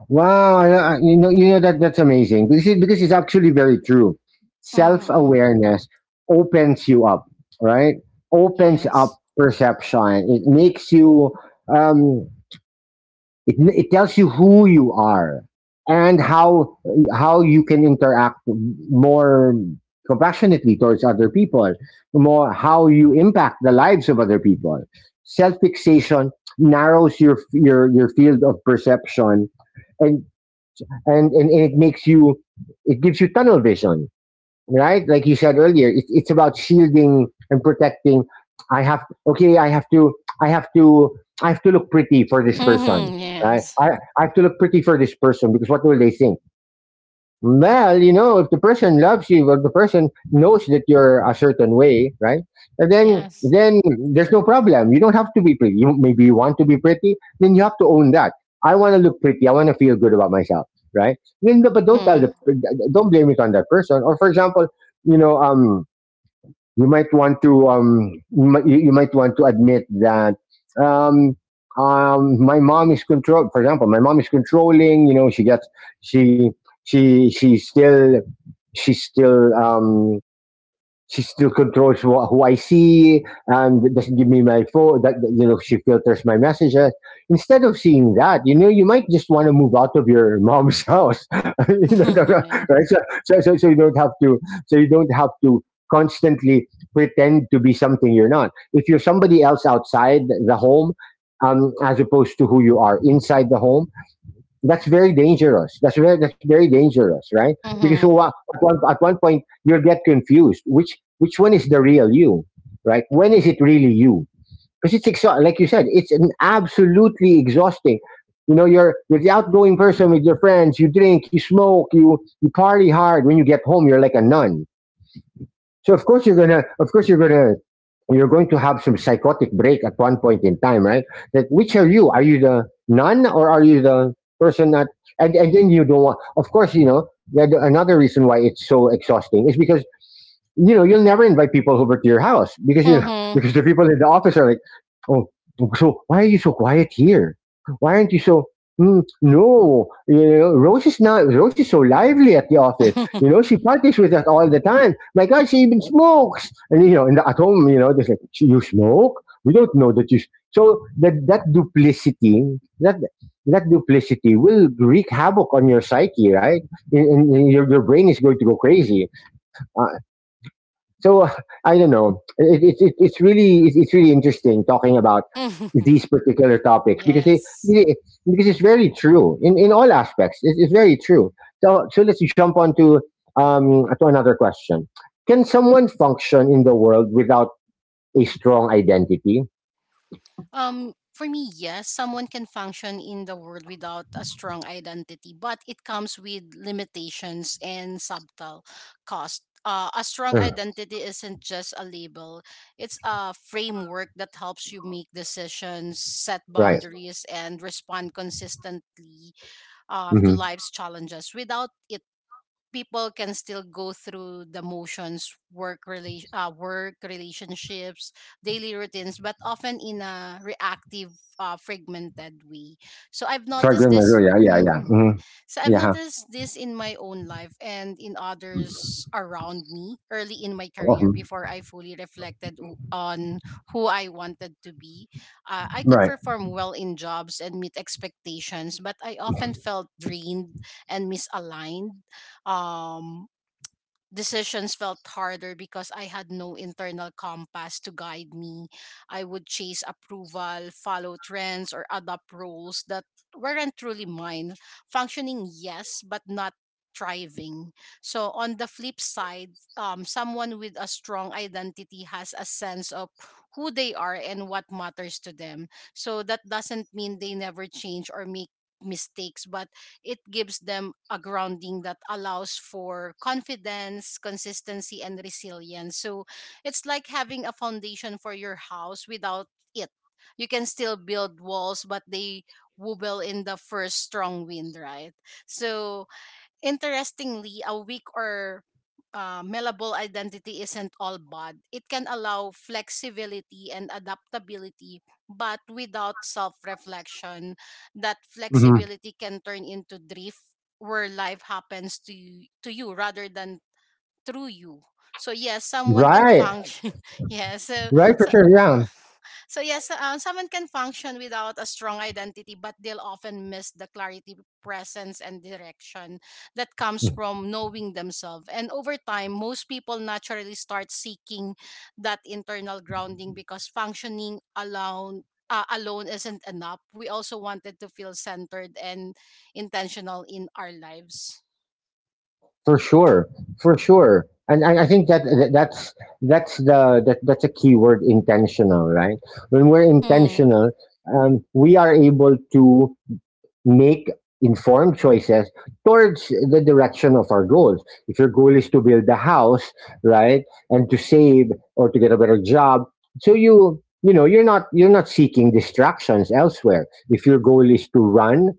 Wow, that that's amazing because because it's actually very true. Self Mm-hmm. awareness opens you up, right? Opens Yes. up perception. It makes you. Um, it tells you who you are and how you can interact more compassionately towards other people, more how you impact the lives of other people. Self fixation narrows your your field of perception and and it makes you it gives you tunnel vision, right? Like you said earlier, it's about shielding and protecting. I have, okay, I have to, I have to, I have to look pretty for this person, Mm-hmm. right Yes. i, I have to look pretty for this person because what will they think? Well, you know, if the person loves you, or the person knows that you're a certain way, right? And Yes. then there's no problem. You don't have to be pretty. You maybe you want to be pretty, then you have to own that. I want to look pretty. I want to feel good about myself, right? Then, but don't tell Mm-hmm. the, don't blame it on that person. Or for example, you know, um, you might want to you might, you might want to admit that um my mom is control for example, my mom is controlling. You know, she she still she's still um she still controls who I see and doesn't give me my phone. You know, she filters my messages. Instead of seeing that, you know, you might just want to move out of your mom's *laughs* house, *laughs* you know, Mhm. right? So you don't have to. So you don't have to constantly pretend to be something you're not. If you're somebody else outside the home, as opposed to who you are inside the home, that's very dangerous. That's very dangerous, right? Because Mhm. At one point you'll get confused. Which one is the real you, right? When is it really you? Because it's like you said, it's an absolutely exhausting. You know, you're the outgoing person with your friends. You drink, you smoke, you party hard. When you get home, you're like a nun. So of course you're gonna, of course you're gonna, you're going to have some psychotic break at one point in time, right? That which are you? Are you the nun or are you the person that? And then you don't want. Of course, you know that another reason why it's so exhausting is because you know you'll never invite people over to your house because you know, *laughs* Mhm. because the people in the office are like, oh, so why are you so quiet here? Why aren't you so? Mm, no, you know, Rose is not. Rose is so lively at the office. You know, she parties with that all the time. My God, she even smokes. And, you know, and at home, you know, they say, you smoke? We don't know that you... s-" So that, duplicity, that that duplicity will wreak havoc on your psyche, right? And your brain is going to go crazy. Uh, so I don't know. It's really interesting talking about Mhm. these particular *laughs* topics because yes. Because it's very true in all aspects. It's very true. So let's jump on to another question. Can someone function in the world without a strong identity? For me, yes, someone can function in the world without a strong identity, but it comes with limitations and subtle cost. A strong Mm, identity isn't just a label. It's a framework that helps you make decisions, set right. boundaries, and respond consistently to Mm-hmm. life's challenges. Without it, people can still go through the motions, work work relationships, daily routines, but often in a reactive fragmented way. So I've noticed Struggling. this. Yeah. Yeah. Yeah. Mhm. Hmm. So I've Yeah. noticed this in my own life and in others around me early in my career Mhm. before I fully reflected on who I wanted to be. I could Right. perform well in jobs and meet expectations, but I often felt drained and misaligned. Um, Decisions felt harder because I had no internal compass to guide me. I would chase approval, follow trends, or adopt roles that weren't truly mine. Functioning, yes, but not thriving. So on the flip side, someone with a strong identity has a sense of who they are and what matters to them. So that doesn't mean they never change or make mistakes, but it gives them a grounding that allows for confidence, consistency, and resilience. So it's like having a foundation for your house. Without it, You can still build walls, but they wobble in the first strong wind, right? So Interestingly, a weak or malleable identity isn't all bad. It can allow flexibility and adaptability, but without self reflection, that Hmm. flexibility can turn into drift where life happens to you rather than through you. So, yes, someone can Right. function. *laughs* Yeah, so, Right. For so sure. Yeah. uh, so yes, someone can function without a strong identity, but they'll often miss the clarity, presence, and direction that comes from knowing themselves. And over time, most people naturally start seeking that internal grounding because functioning alone. Alone isn't enough. We also wanted to feel centered and intentional in our lives. For sure, for sure. And I think that that's a key word, intentional, right? When we're Mhm. intentional, we are able to make informed choices towards the direction of our goals. If your goal is to build a house, right, and to save or to get a better job, so you know you're not seeking distractions elsewhere. If your goal is to run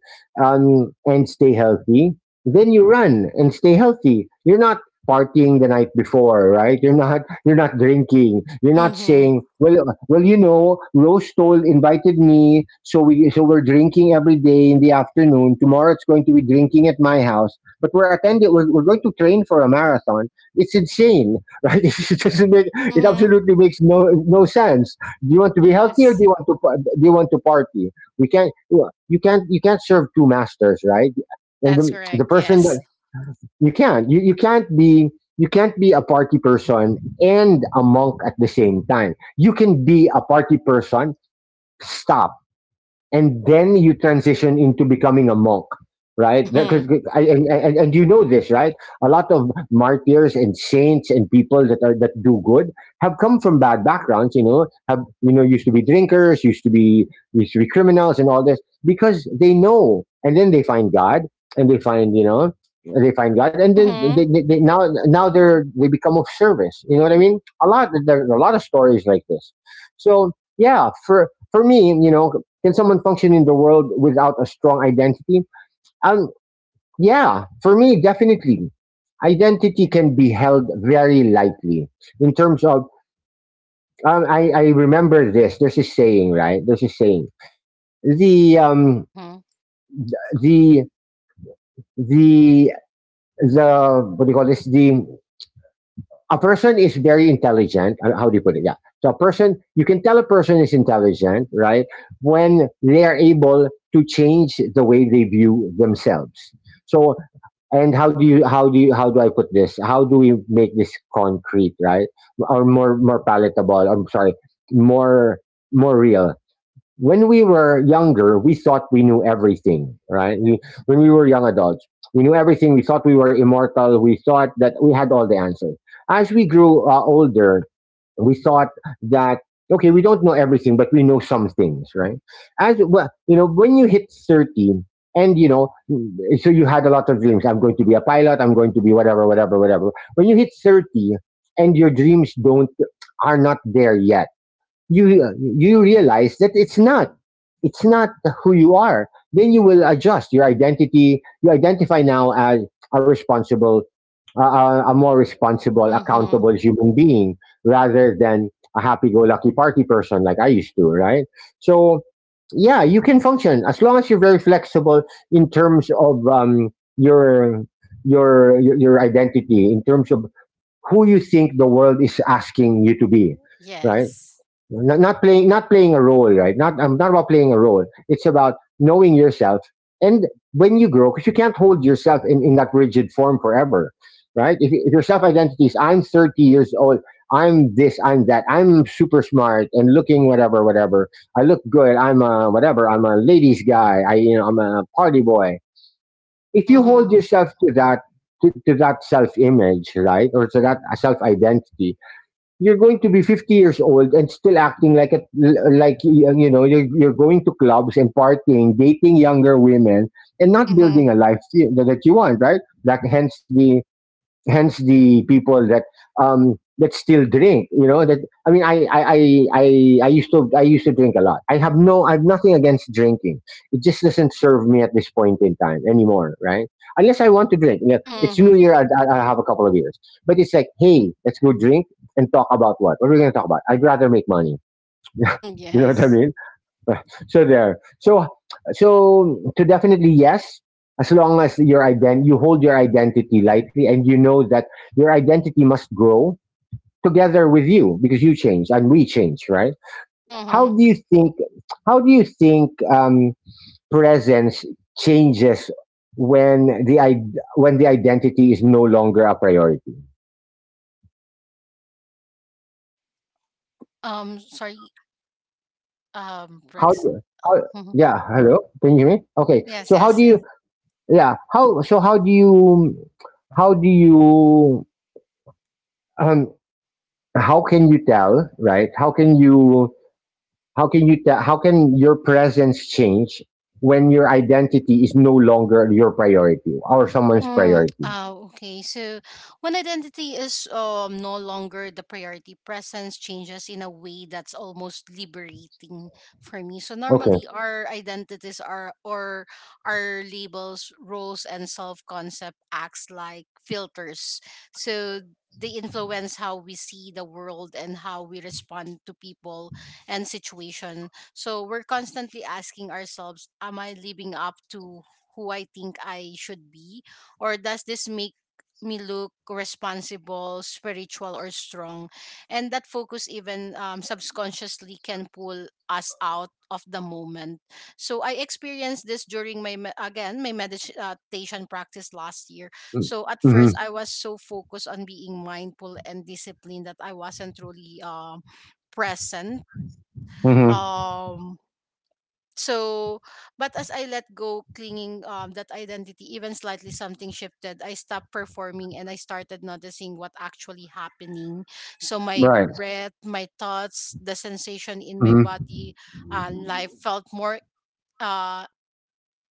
and stay healthy, then you run and stay healthy. You're not partying the night before, right? You're not drinking. You're not Mhm. saying, well, well, you know, Rose told invited me, so we so we're drinking every day in the afternoon. Tomorrow it's going to be drinking at my house, but we're attending. We're going to train for a marathon. It's insane, right? *laughs* It doesn't make. It Mhm. absolutely makes no no sense. Do you want to be healthy or do you Yes. want to do you want to party? We can't. You can't. You can't serve two masters, right? And That's the correct. person that Yes. You, you can't be a party person and a monk at the same time. You can be a party person, stop, and then you transition into becoming a monk, right? Mhm. And you know this, right? A lot of martyrs and saints and people that are that do good have come from bad backgrounds. You know, have you know used to be drinkers, used to be criminals and all this, because they know and then they find God, and they find you know they find God, and then Mhm. They now they're they become of service. You know what I mean? A lot there are a lot of stories like this. So yeah, for me, you know, can someone function in the world without a strong identity? Um, yeah, for me, definitely. Identity can be held very lightly in terms of. I remember this. There's a saying, right? There's a saying. The um, Mhm. the the the what do you call this? The a person is very intelligent. How do you put it? Yeah. So a person, you can tell a person is intelligent, right? When they are able to change the way they view themselves. So and how do I put this? How do we make this concrete, right, or more more palatable? I'm sorry, more more real. When we were younger, we thought we knew everything, right? When we were young adults, we knew everything. We thought we were immortal. We thought that we had all the answers. As we grew older, we thought that okay, we don't know everything, but we know some things, right? As well, you know, when you hit 30, and you know, so you had a lot of dreams. I'm going to be a pilot. I'm going to be whatever, whatever, whatever. When you hit 30, and your dreams don't are not there yet, you realize that it's not who you are. Then you will adjust your identity. You identify now as a responsible, a, a more responsible Mhm. accountable human being rather than a happy-go-lucky party person like I used to, right? So yeah, you can function as long as you're very flexible in terms of your your identity, in terms of who you think the world is asking you to be, right? Yes. Not, not playing not playing a role, right? not I'm not about playing a role. It's about knowing yourself. And when you grow, because you can't hold yourself in that rigid form forever, right? If your self identity is I'm 30 years old, I'm this I'm that I'm super smart and looking whatever whatever, I look good I'm a whatever I'm a ladies guy I you know I'm a party boy, if you hold Mhm. yourself to that, to that self image, right, or to that self identity, you're going to be 50 years old and still acting like like you know you're going to clubs and partying, dating younger women, and not building Mhm. a life you that you want, right? Like hence the people that that still drink, you know, that I mean I used to drink a lot. I have no I have nothing against drinking. It just doesn't serve me at this point in time anymore, right? Unless I want to drink. Yeah, it's new Mhm. year. I have a couple of years, but it's like, hey, let's go drink and talk about what are we going to talk about? I'd rather make money. *laughs* You Mhm. *laughs* know what I Yes. mean? *laughs* so there. So so to definitely yes, as long as you hold your identity lightly and you know that your identity must grow together with you because you change and we change, right? How Mhm. do you think how do you think presence changes when when the identity is no longer a priority? Sorry. How Bricks. do how Mhm. yeah, hello. Can you hear me? Okay. Yes. So how Yes. do Yes. you yeah, how so how do you how do you um, how can you tell, right? How can you tell, how can your presence change when your identity is no longer your priority or someone's Mm, priority? ah, okay. So when identity is no longer the priority, presence changes in a way that's almost liberating for me. So Okay. normally our identities are or our labels, roles, and self-concept acts like filters. So they influence how we see the world and how we respond to people and situation. So we're constantly asking ourselves, am I living up to who I think I should be? Or does this make me look responsible, spiritual, or strong? And that focus, even subconsciously, can pull us out of the moment. So I experienced this during my me- again my meditation practice last year. So at Mm-hmm. first I was so focused on being mindful and disciplined that I wasn't really present. Mm-hmm. Um so but as I let go clinging that identity even slightly, something shifted. I stopped performing and I started noticing what actually happening. So my Right. breath, my thoughts, the sensation in my Mm-hmm. body, life felt more uh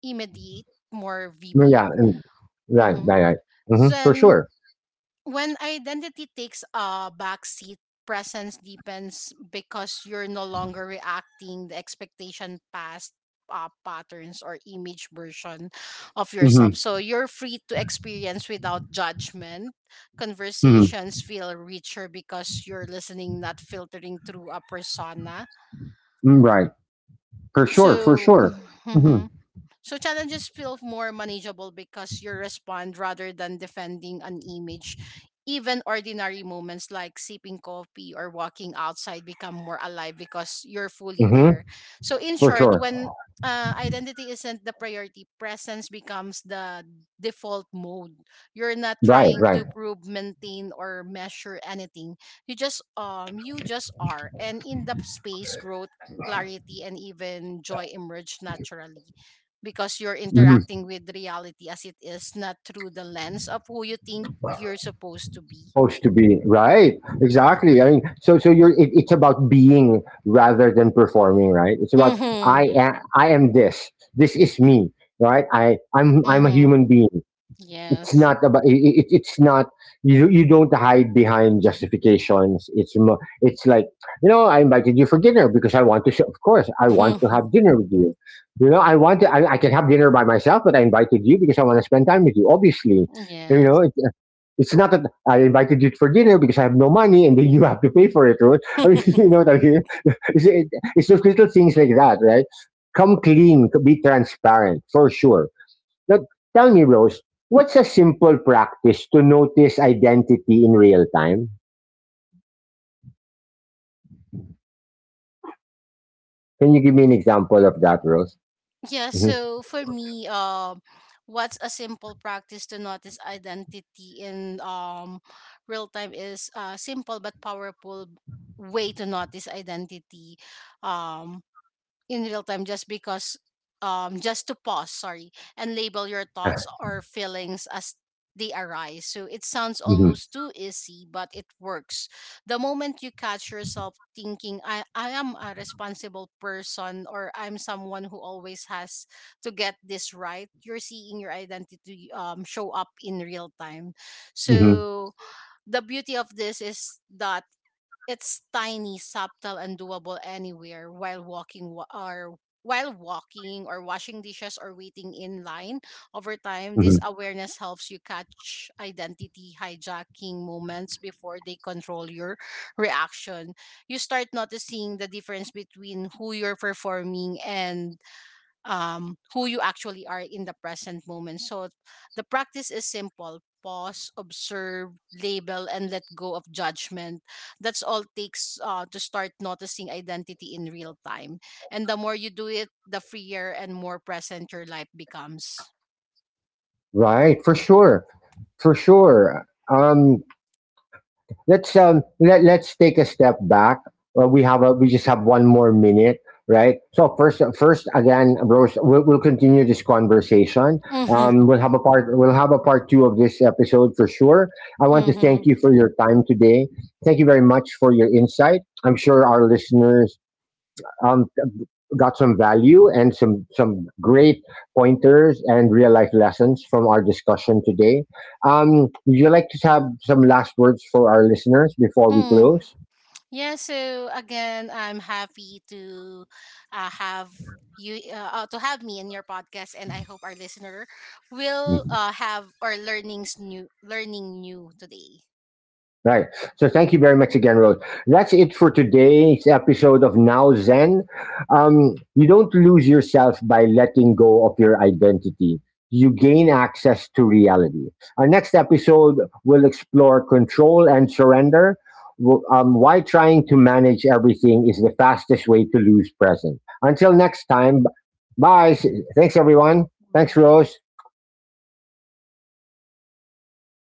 immediate, more Mm, yeah, vivid. and— right, Mm-hmm. right, right. Hmm, for Then sure. when identity takes a backseat, presence deepens because you're no longer reacting the expectation past patterns or image version of yourself. Mm-hmm. So you're free to experience without judgment. Mm-hmm. Conversations feel richer because you're listening, not filtering through a persona. Mm, right, for sure, for So, *sighs* sure. Mm-hmm. *laughs* so challenges feel more manageable because you respond rather than defending an image. Even ordinary moments like sipping coffee or walking outside become more alive because you're fully Mm-hmm. there. So in For short, sure. when identity isn't the priority, presence becomes the default mode. You're not Right, trying right. to prove, maintain, or measure anything. You just are, and in the space, growth, clarity, and even joy emerge naturally because you're Mm-hmm. interacting with reality as it is, not through the lens of who you think you're supposed to be. Supposed to be, right? Exactly. I mean, so it's about being rather than performing, right? It's about, i Mm-hmm. am i am this is me, right? I'm a Mm-hmm. human being. It's Yes. not about it. It's not, you don't hide behind justifications. It's like, you know, I invited you for dinner because I want to. Of course I want to Mm-hmm. have dinner with you. You know, I want to. I can have dinner by myself, but I invited you because I want to spend time with you. Obviously, you Yes. know. It's not that I invited you for dinner because I have no money and then you have to pay for it, right? *laughs* I mean, *laughs* you know what I mean? *laughs* It's, it's those little things like that, right? Come clean, be transparent, for sure. Now, tell me, Rose, what's a simple practice to notice identity in real time? Can you give me an example of that, Rose? Yeah, Hmm. so for me, what's a simple practice to notice identity in real time is a simple but powerful way to notice identity. Um, in real time, just because just to pause, sorry, and label your thoughts or feelings as they arise. So it sounds almost too easy, but it works. The moment you catch yourself thinking I am a responsible person or I'm someone who always has to get this right, you're seeing your identity show up in real time. Hmm. So the beauty of this is that it's tiny, subtle, and doable anywhere, while walking or washing dishes or waiting in line. Over time, this Hmm. awareness helps you catch identity hijacking moments before they control your reaction. You start noticing the difference between who you're performing and who you actually are in the present moment. So the practice is simple: pause, observe, label, and let go of judgment. That's all takes to start noticing identity in real time. And the more you do it, the freer and more present your life becomes. Right, for sure. For sure. Um, let's let's take a step back. We have a— we just have one more minute, right? So first again, Rose, we'll continue this conversation. Mm-hmm. We'll have a part— we'll have a part two of this episode for sure. I want to thank Mm-hmm. you for your time today. Thank you very much for your insight. I'm sure our listeners, um, got some value and some— some great pointers and real life lessons from our discussion today. Would you like to have some last words for our listeners before we Mm. close? Yeah, so again, I'm happy to have you to have me in your podcast, and I hope our listener will Mm-hmm. Have our learning new today. Right. So thank you very much again, Rose. That's it for today's episode of Now Zen. You don't lose yourself by letting go of your identity. You gain access to reality. Our next episode will explore control and surrender. Why trying to manage everything is the fastest way to lose present. Until next time, bye. Thanks, everyone. Thanks, Bye. Rose.